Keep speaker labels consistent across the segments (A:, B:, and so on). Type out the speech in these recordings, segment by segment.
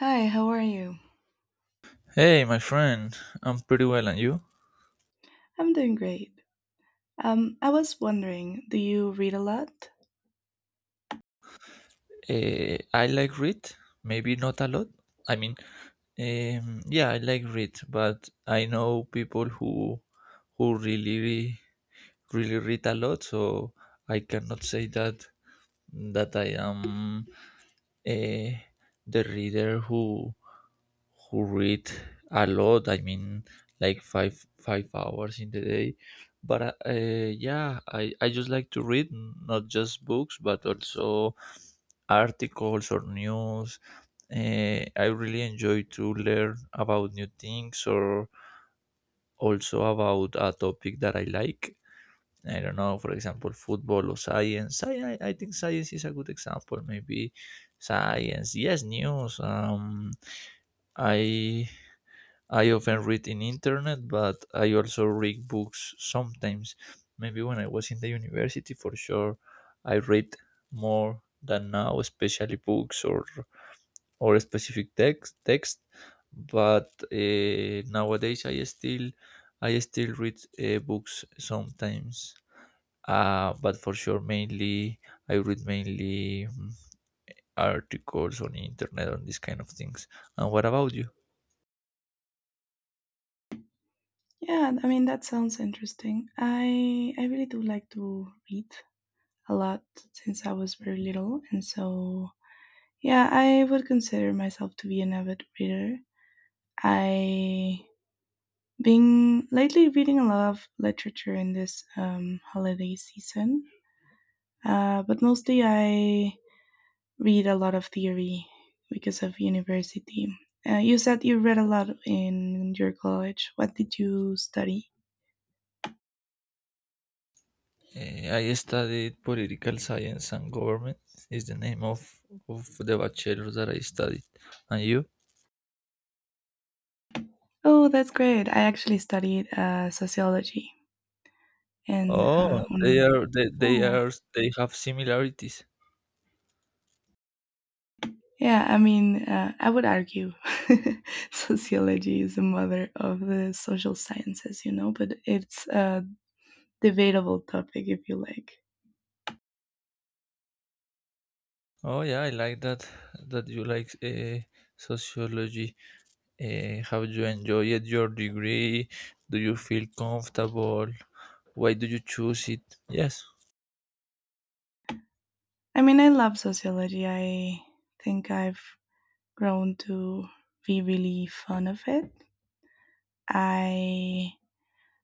A: Hi, how are you?
B: Hey, my friend, I'm pretty well, and you?
A: I'm doing great. I was wondering, do you read a lot?
B: I like read, maybe not a lot. I mean, yeah, I like read, but I know people who really read a lot, so I cannot say that I am uh, the reader who read a lot. I mean, like five hours in the day. But yeah, I just like to read, not just books, but also articles or news. Eh, I really enjoy to learn about new things or also about a topic that I like. I don't know, for example, football or science. I think science is a good example. Maybe science, yes, news. I I often read in internet, but I also read books sometimes. Maybe when I was in the university, for sure, I read more than now, especially books or a specific text, but nowadays I still read books sometimes, but for sure mainly I read mainly, articles on internet on these kind of things. And what about you?
A: Yeah, I mean that sounds interesting. I really do like to read a lot since I was very little, and so yeah, I would consider myself to be an avid reader. I been lately reading a lot of literature in this holiday season, but mostly I read a lot of theory because of university. You said you read a lot in your college. What did you study?
B: I studied political science and government is the name of the bachelor that I studied, and you?
A: Oh, that's great. I actually studied sociology and
B: Oh,
A: UNAM.
B: they are, they have similarities.
A: Yeah, I mean, I would argue sociology is the mother of the social sciences, but it's a debatable topic if you like.
B: Oh yeah, I like that you like sociology. Have you enjoyed your degree? Do you feel comfortable? Why do you choose it? Yes.
A: I mean, I love sociology. I think I've grown to be really fond of it. I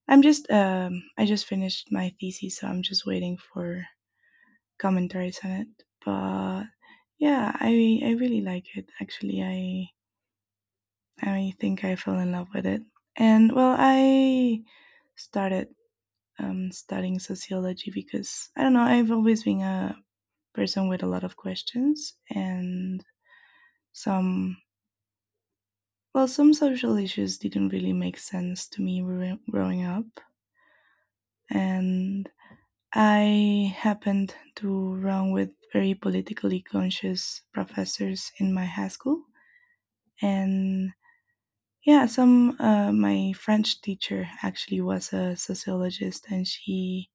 A: I just finished my thesis, so I'm just waiting for commentaries on it. But yeah, I really like it actually. I think I fell in love with it. And well, I started studying sociology because I don't know, I've always been a person with a lot of questions and some well, some social issues didn't really make sense to me growing up, and I happened to run with very politically conscious professors in my high school. And yeah, some my French teacher actually was a sociologist, and she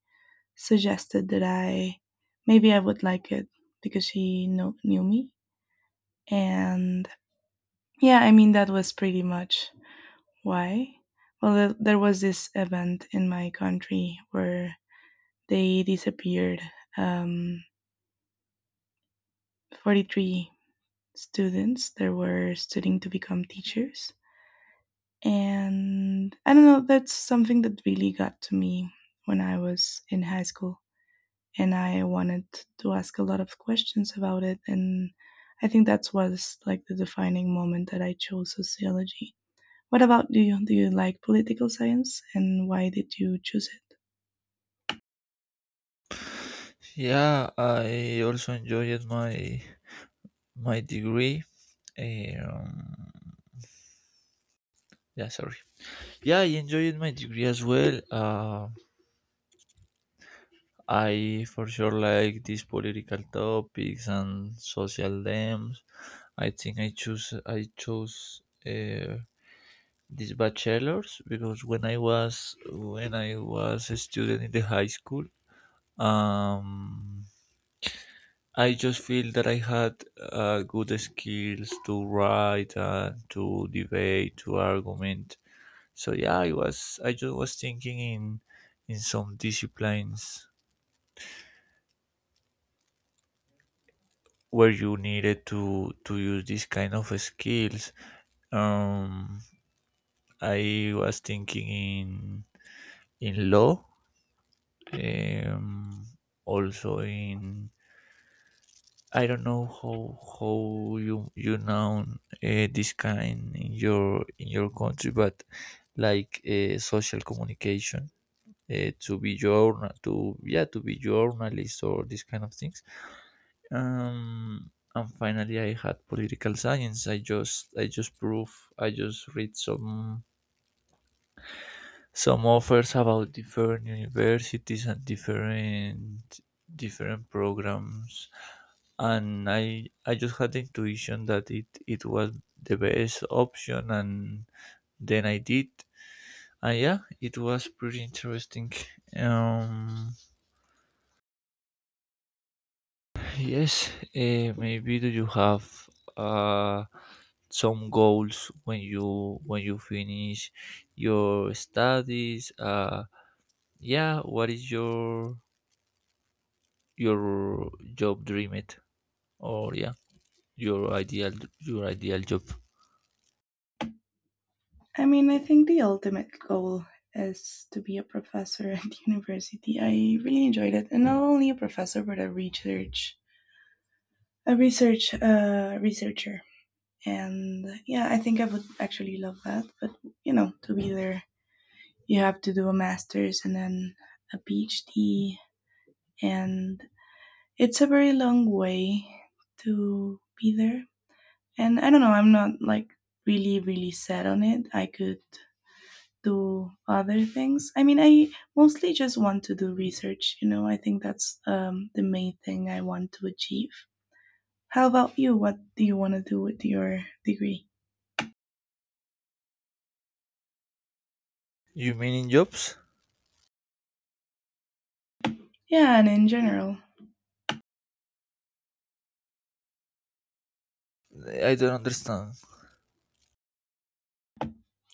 A: suggested that I maybe I would like it because she knew me. And yeah, I mean that was pretty much why. Well, there was this event in my country where they disappeared. Um, 43 students that were studying to become teachers. And I don't know, that's something that really got to me when I was in high school. And I wanted to ask a lot of questions about it. And I think that was like the defining moment that I chose sociology. What about you? Do you like political science and why did you choose it?
B: Yeah, I also enjoyed my degree. Eh, Um, yeah, sorry. Yeah, I enjoyed my degree as well. I for sure like these political topics and social themes. I think I chose these bachelors because when I was a student in the high school, um, I just feel that I had good skills to write and to debate, to argument. So yeah, I just was thinking in some disciplines where you needed to use this kind of skills. Um, I was thinking in law, um, also in, I don't know how you, you know, this kind in your country, but like social communication, to be journal to yeah to be journalist or this kind of things. And finally, I had political science. I just prove, I just read some offers about different universities and different programs, and I just had the intuition that it was the best option, and then I did, and yeah, it was pretty interesting. Um, yes, maybe do you have uh some goals when you finish your studies? Yeah, what is your job dream it, or yeah, your ideal your ideal job?
A: I mean, I think the ultimate goal is to be a professor at university. I really enjoyed it, and not only a professor, but a researcher. And yeah, I think I would actually love that. But to be there, you have to do a master's and then a PhD, and it's a very long way to be there. And I don't know, I'm not like really, really set on it. I could do other things. I mean, I mostly just want to do research, I think that's the main thing I want to achieve. How about you? What do you want to do with your degree?
B: You mean in jobs?
A: Yeah, and in general.
B: I don't understand.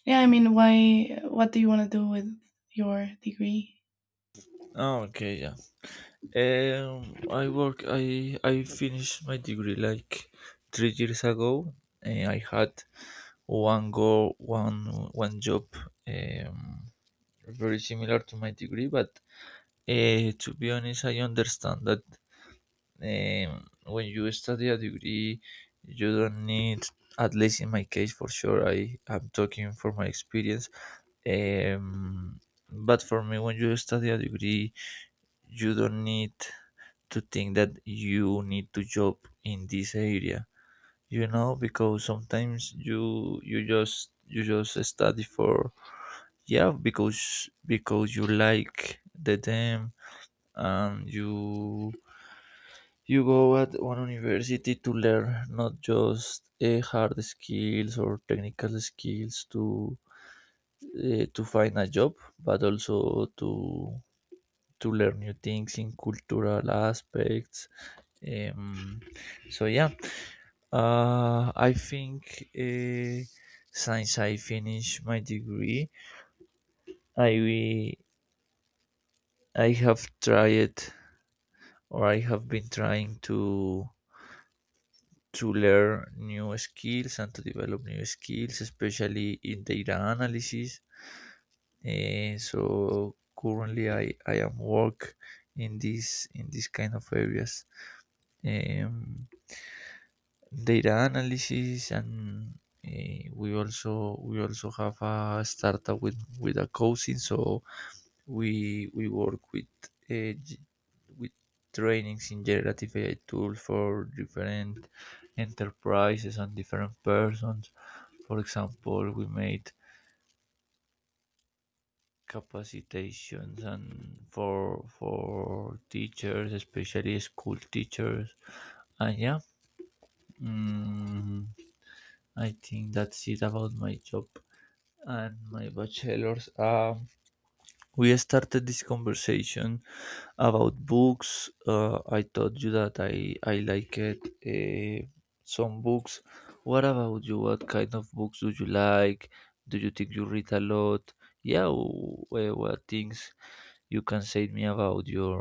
A: Yeah, I mean, what do you want to do with your degree?
B: Oh, okay, yeah. I work. I finished my degree like 3 years ago, and I had one one job, um, very similar to my degree. But to be honest, I understand that when you study a degree, you don't need. At least in my case, for sure, I am talking for my experience. Um, but for me, when you study a degree, you don't need to think that you need to job in this area, you know, because sometimes you you just study for, yeah, because you like the them, and you go at one university to learn, not just hard skills or technical skills to find a job, but also to learn new things in cultural aspects. Um, so yeah, I think, since I finished my degree, I I have tried, or I have been trying to learn new skills and to develop new skills, especially in data analysis. So currently, I am work in this kind of areas. Um, data analysis and, we also have a startup with a cousin, so we work with uh, g- with trainings in generative AI tools for different enterprises and different persons. For example, we made capacitations and for teachers, especially school teachers. And yeah, mm, I think that's it about my job and my bachelor's. We started this conversation about books. I told you that I like it, uh, some books. What about you? What kind of books do you like? Do you think you read a lot? Yeah, what things you can say me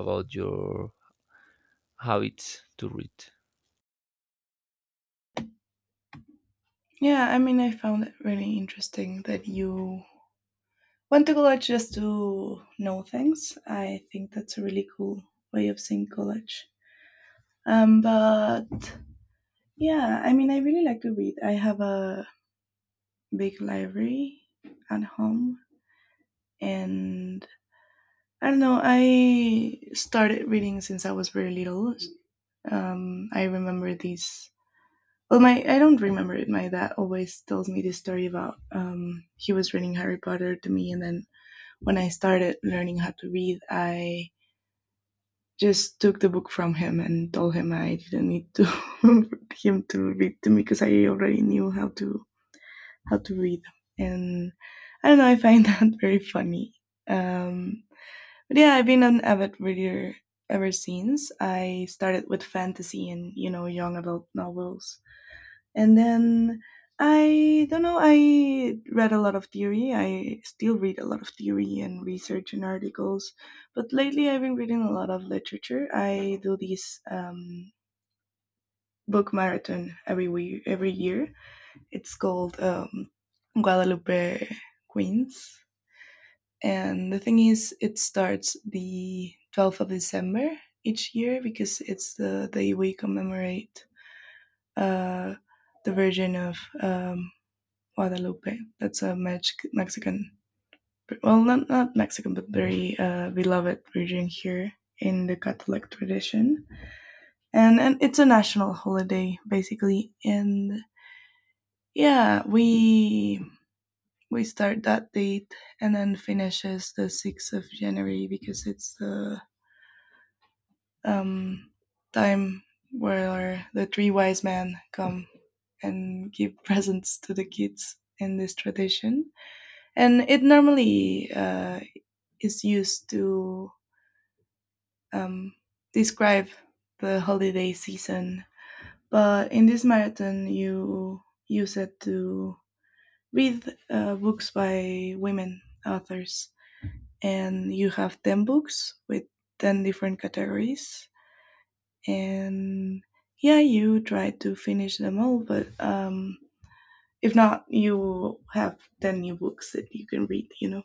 B: about your habits to read?
A: Yeah, I mean, I found it really interesting that you went to college just to know things. I think that's a really cool way of seeing college. But yeah, I mean, I really like to read. I have a big library at home and I don't know, I started reading since I was very little. I remember these. Well, my I don't remember it. My dad always tells me this story about he was reading Harry Potter to me, and then when I started learning how to read, I just took the book from him and told him I didn't need to him to read to me because I already knew how to read them. And I don't know, I find that very funny. Um, but yeah, I've been an avid reader ever since. I started with fantasy and young adult novels. And then I don't know, I read a lot of theory. I still read a lot of theory and research and articles. But lately I've been reading a lot of literature. I do this book marathon every week, every year it's called Guadalupe Queens. And the thing is, it starts the 12th of December each year because it's the day we commemorate uh, the Virgin of Guadalupe. That's a Mexican, well, not Mexican, but very beloved virgin here in the Catholic tradition. And it's a national holiday, basically. And yeah, we start that date and then finishes the 6th of January because it's the um, time where the three wise men come and give presents to the kids in this tradition. And it normally is used to um, describe the holiday season. But in this marathon, you use it to read books by women authors. And you have 10 books with 10 different categories, and yeah, you try to finish them all, but if not, you have 10 new books that you can read.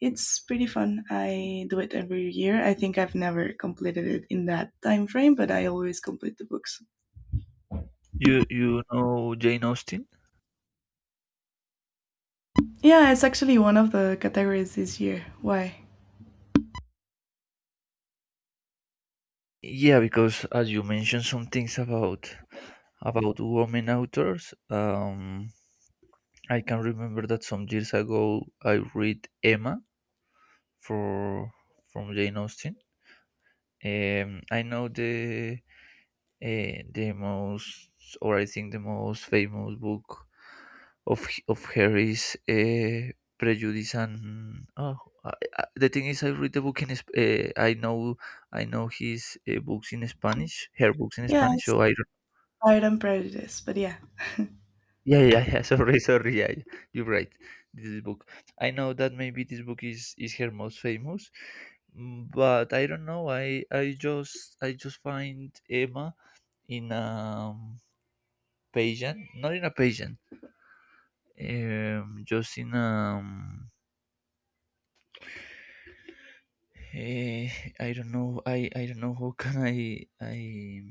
A: It's pretty fun. I do it every year. I think I've never completed it in that time frame, but I always complete the books.
B: You know Jane Austen?
A: Yeah, it's actually one of the categories this year. Why?
B: Yeah, because as you mentioned some things about women authors, I can remember that some years ago I read Emma for from Jane Austen. I know the most, or I think the most famous book of her is, Prejudice and, I, the thing is I read the book in, I know his books in Spanish, her books in
A: Yeah,
B: Spanish,
A: it's
B: so I,
A: Pride and Prejudice, but yeah.
B: yeah, yeah, sorry, yeah, you're right, this book, I know that maybe this book is her most famous, but I don't know, I just find Emma in a pageant, not in a pageant, um just in um eh, I don't know, I don't know how can I,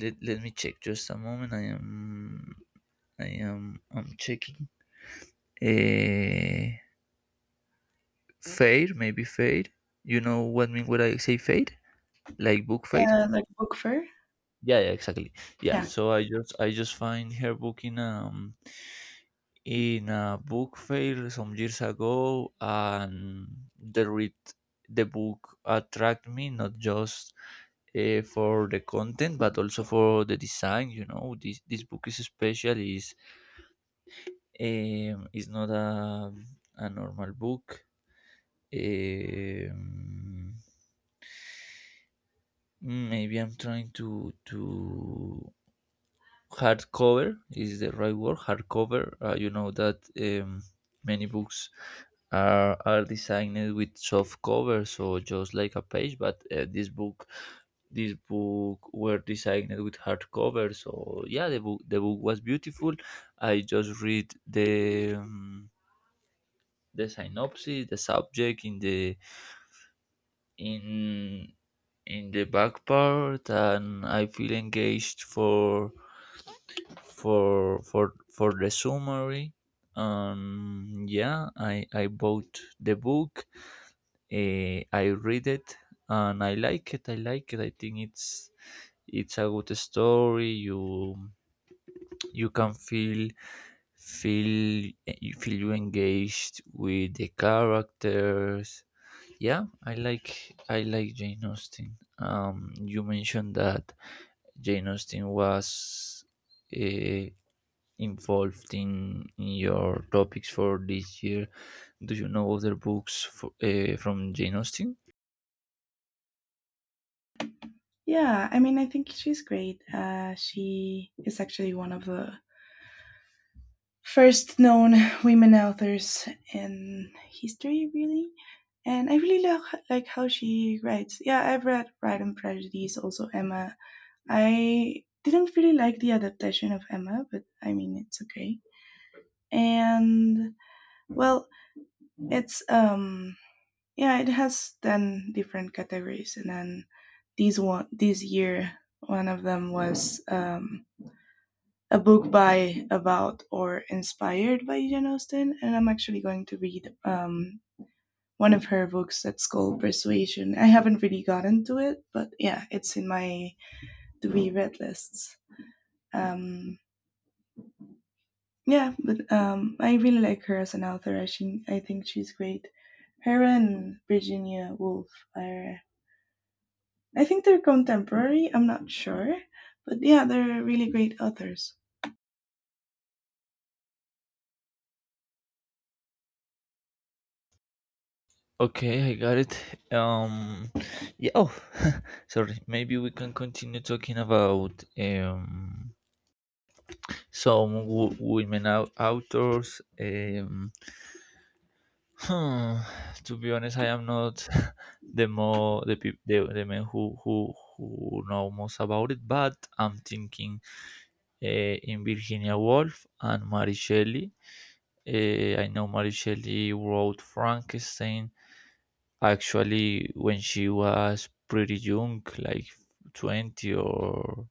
B: let, let me check just a moment. I am i am I'm checking, uh, Fade, maybe fade. You know what I mean when I say fade? Like book fade?
A: Like book fair.
B: Yeah, yeah, exactly. Yeah.
A: Yeah.
B: So I just find her book in, in a book fair some years ago, and the read the book attract me, not just for the content, but also for the design. You know, this book is special, is, is not a normal book. um, Maybe I'm trying to, hardcover is the right word. Hardcover. You know that, many books are designed with soft cover, so just like a page. But this book were designed with hardcover. So yeah, the book was beautiful. I just read the synopsis, the subject in the, in in the back part, and I feel engaged for the summary. Yeah, I bought the book, I read it, and I like it. I think it's a good story. You can feel feel feel you engaged with the characters. Yeah, I like Jane Austen. Um, you mentioned that Jane Austen was uh, involved in your topics for this year? Do you know other books from Jane Austen?
A: Yeah, I mean, I think she's great. She is actually one of the first known women authors in history, really. And I really like how she writes. Yeah, I've read Pride and Prejudice, also Emma. I didn't really like the adaptation of Emma, but I mean, it's okay. And well, it's yeah, it has 10 different categories, and then these one this year one of them was a book by, about, or inspired by Jane Austen, and I'm actually going to read one of her books that's called Persuasion. I haven't really gotten to it, but yeah, it's in my to be read lists. Um, yeah, but I really like her as an author. I think she's great. Her and Virginia Woolf are, I think they're contemporary. I'm not sure, but yeah, they're really great authors.
B: Okay, I got it. Yeah. Oh, sorry. Maybe we can continue talking about some women authors. Hmm, to be honest, I am not the more the peop the men who know most about it, but I'm thinking uh, in Virginia Woolf and Mary Shelley. Eh, I know Mary Shelley wrote Frankenstein actually when she was pretty young, like 20 or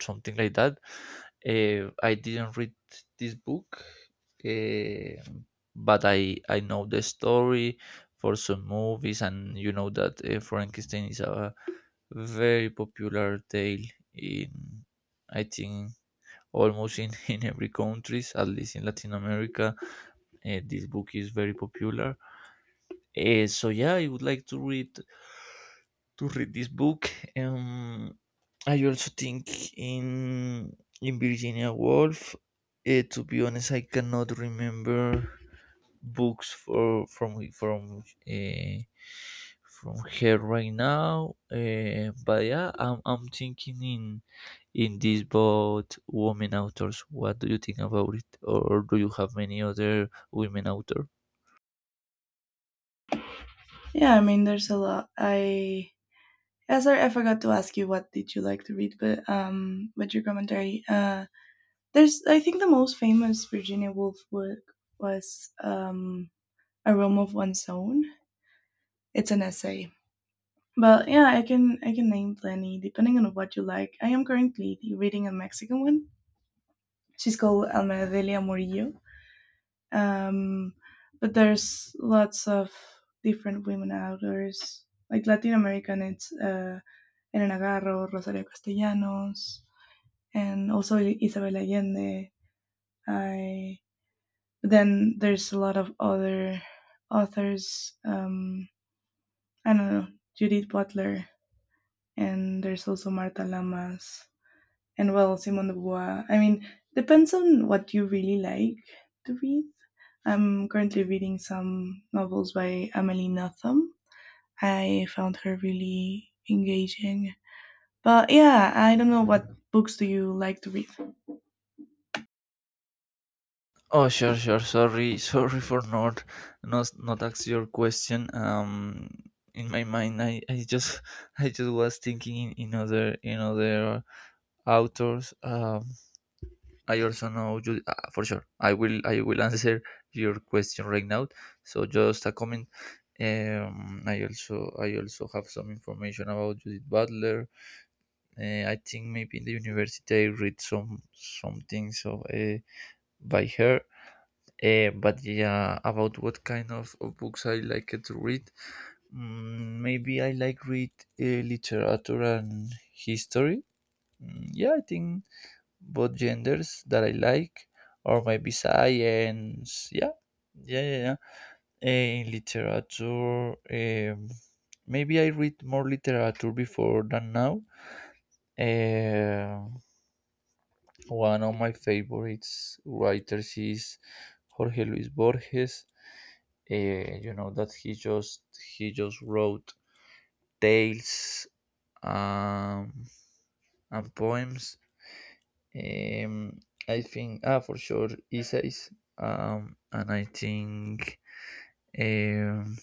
B: something like that. Eh, I didn't read this book, eh, I know the story for some movies, and you know that, Frankenstein is a very popular tale in, I think, almost in, in every countries, at least in Latin America. This book is very popular. So yeah, I would like to read this book. Um, I also think in Virginia Woolf. To be honest, I cannot remember books for from her right now. But yeah, I'm thinking in this both women authors. What do you think about it, or do you have many other women author?
A: Yeah, I mean, there's a lot. I Yeah, sorry, I forgot to ask you what did you like to read, but with your commentary, there's I think the most famous Virginia Woolf work was A Room of One's Own. It's an essay, but yeah, I can name plenty depending on what you like. I am currently reading a Mexican one. She's called Alma Delia Murillo. Um, but there's lots of different women authors like Latin American. It's Elena Garro, Rosario Castellanos, and also Isabel Allende. I Then there's a lot of other authors. I don't know Judith Butler, and there's also Marta Lamas, and well Simone de Beauvoir. I mean, depends on what you really like to read. I'm currently reading some novels by Amelie Nothomb. I found her really engaging. But yeah, I don't know what books do you like to read.
B: Oh, sure, sorry for not ask your question. In my mind, I just I just was thinking in other authors. I also know you, for sure. I will answer your question right now. So just a comment. I also have some information about Judith Butler. I think maybe in the university I read some things of, by her. But yeah, about what kind of books I like to read. Maybe I like read literature and history. Yeah, I think both genders that I like, or maybe science. Yeah, yeah. Eh, in literature, maybe I read more literature before than now. Eh, one of my favorites writers is Jorge Luis Borges. Eh, you know that he just wrote tales, um, and poems. Um, I think, ah, for sure essays. And I think, um,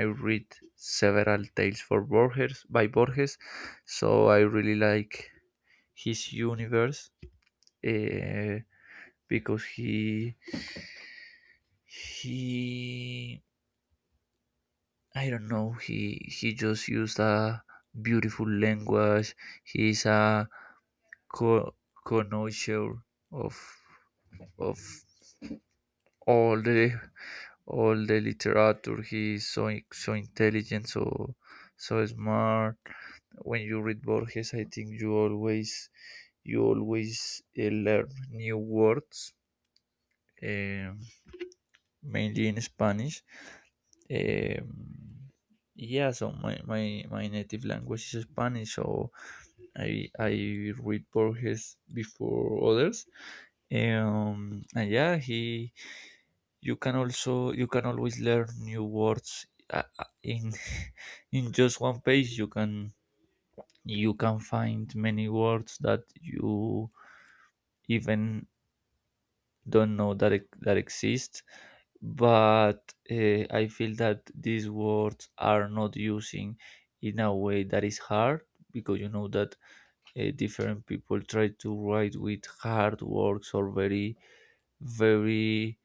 B: I read several tales for Borges by Borges, so I really like his universe, uh, because he I don't know, he just used a beautiful language. He's a co- connoisseur of of all the all the literature. He is so intelligent, so smart. When you read Borges, I think you always learn new words, um, mainly in Spanish. Um, so my native language is Spanish, so I read Borges before others. And yeah, he you can always learn new words in in just one page you can find many words that you even don't know that that exist, but I feel that these words are not using in a way that is hard, because you know that different people try to write with hard words or very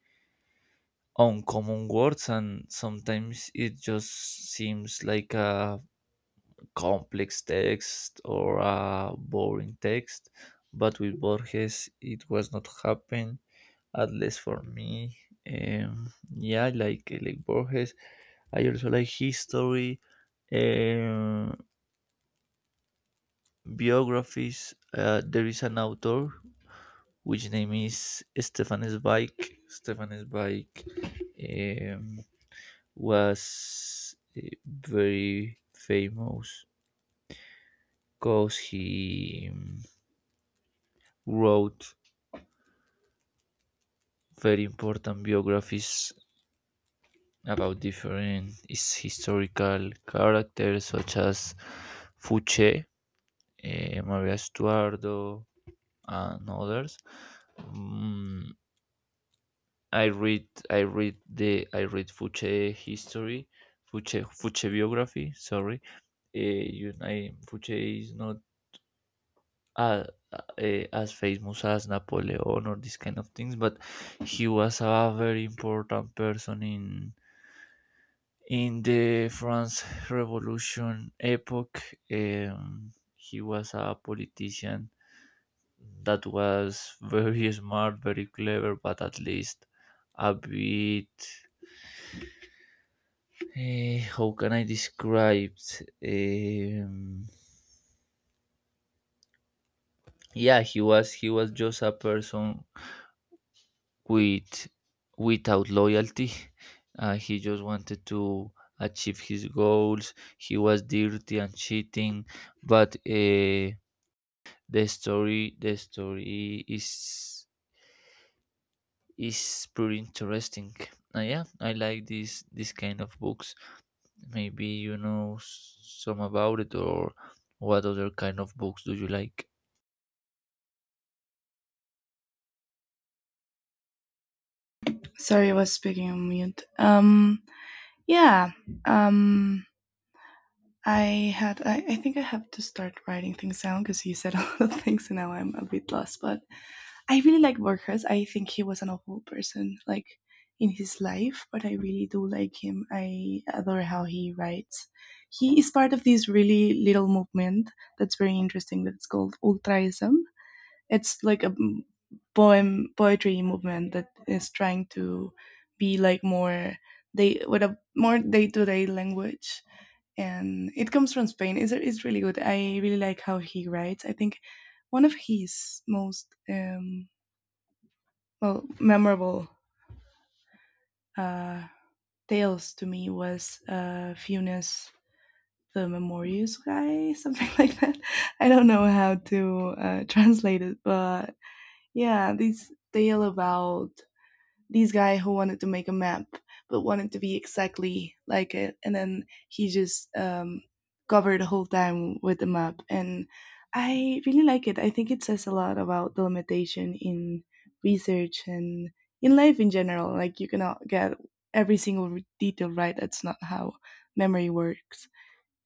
B: on common words, and sometimes it just seems like a complex text or a boring text, but with borges it was not happen, at least for me. Yeah, I like borges. I also like history, um, biographies. There is an author which name is stefan zweig. stefan zweig um, was very famous because he wrote very important biographies about different historical characters such as Fuche, Maria Estuardo, and others. Mm, I read Fuche history, Fuche biography. Sorry. Fuche is not uh, uh, as famous as Napoleon or these kind of things, but he was a very important person in the France Revolution epoch. Um, he was a politician that was very smart, very clever, but at least a bit. How can I describe? Um, yeah, he was just a person with without loyalty. He just wanted to achieve his goals. He was dirty and cheating, but the story is pretty interesting. Yeah, I like this kind of books. Maybe you know some about it, or what other kind of books do you like?
A: Sorry, I was speaking on mute. Yeah. Um, I had. I think I have to start writing things down because you said a lot of things, and now I'm a bit lost. But I really like Borges. I think he was an awful person, like in his life, but I really do like him. I adore how he writes. He is part of this really little movement that's very interesting. That's called Ultraism. It's like a poem poetry movement that is trying to be like more day with a more day to day language, and it comes from Spain. It's really good. I really like how he writes. I think one of his most well memorable uh, tales to me was Funes the Memorius guy, something like that. I don't know how to translate it, but yeah, this tale about this guy who wanted to make a map but wanted to be exactly like it, and then he just covered the whole time with the map. And I really like it. I think it says a lot about the limitation in research and in life in general, like you cannot get every single detail right. That's not how memory works.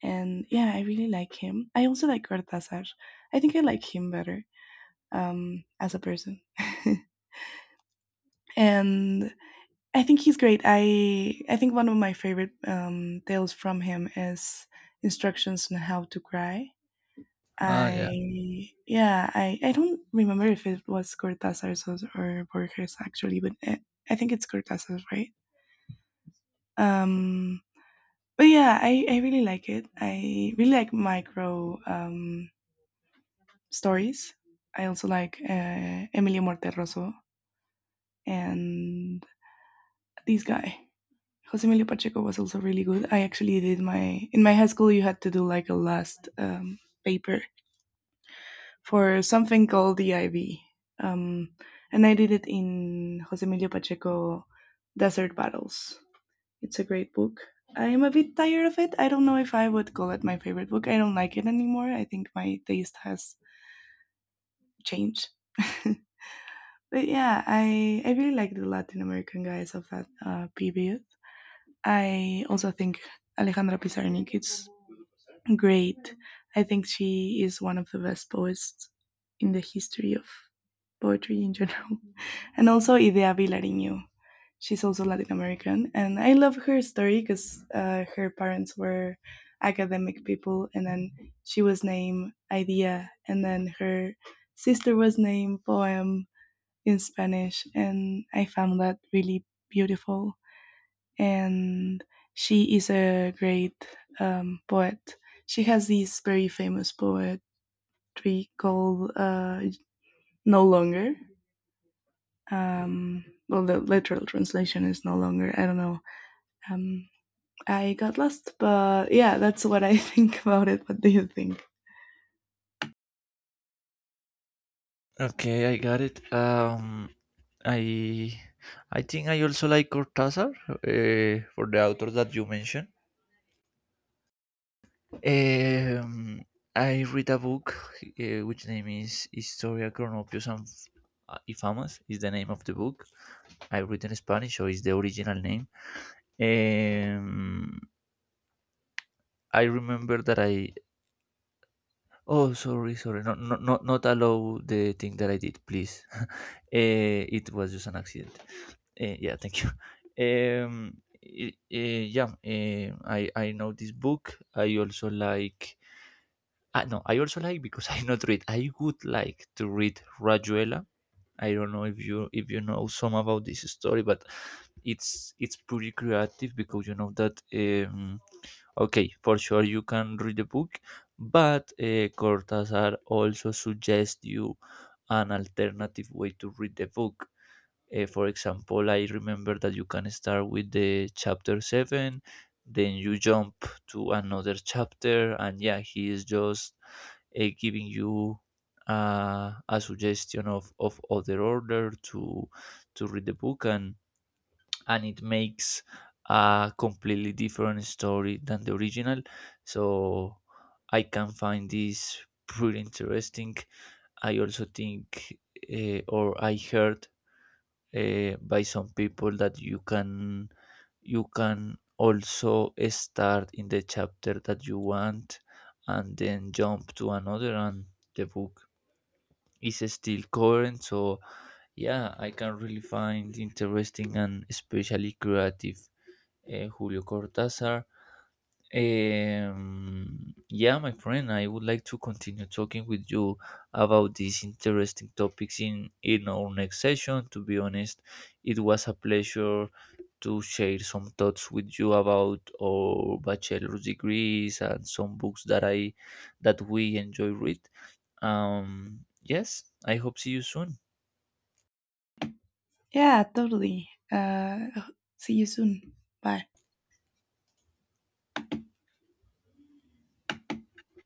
A: And yeah, I really like him. I also like Cortázar. I think I like him better, as a person. And I think he's great. I think one of my favorite tales from him is instructions on how to cry.
B: Ah, yeah.
A: I yeah, I don't remember if it was Cortázar's or Borges actually, but I think it's Cortázar's, right? Um, but yeah, I really like it. I really like micro stories. I also like Emilio Morteroso and this guy. Jose Emilio Pacheco was also really good. I actually did my in my high school. You had to do like a last paper for something called the IB, um, and I did it in Jose Emilio Pacheco Desert Battles. It's a great book. I am a bit tired of it. I don't know if I would call it my favorite book. I don't like it anymore. I think my taste has changed. But yeah, I really like the Latin American guys of that period. I also think Alejandra Pizarnik is great. I think she is one of the best poets in the history of poetry in general. And also Idea Vilariño. She's also Latin American. And I love her story because her parents were academic people. And then she was named Idea. And then her sister was named Poem in Spanish. And I found that really beautiful, and she is a great poet. She has this very famous poetry called "No Longer." Well, the literal translation is "No Longer." I don't know. Um, I got lost, but yeah, that's what I think about it. What do you think?
B: Okay, I got it. I I think I also like Cortázar, for the authors that you mentioned. Um, I read a book, which name is Historia Cronopios and y Famas is the name of the book. I read in Spanish, so it's the original name. Um, I remember that I. Oh, sorry, sorry. No, no, no, not allow the thing that I did, please. It was just an accident. Yeah, thank you. I know this book. I also like. Ah, no, I also like because I not read. I would like to read Rajuela. I don't know if you know some about this story. But it's pretty creative because you know that. Okay, for sure you can read the book, but Cortázar also suggests you an alternative way to read the book. For example, I remember that you can start with the chapter 7, then you jump to another chapter, and yeah, he is just giving you a suggestion of other order to read the book, and it makes a completely different story than the original. So I can find this pretty interesting. I also think, or I heard by some people that you can also start in the chapter that you want and then jump to another, and the book is still current. So yeah, I can really find interesting and especially creative, julio cortázar. Yeah, my friend, I would like to continue talking with you about these interesting topics in our next session. To be honest, it was a pleasure to share some thoughts with you about our bachelor's degrees and some books that I that we enjoy read. Yes, I hope see you soon.
A: Yeah, totally. See you soon. Bye.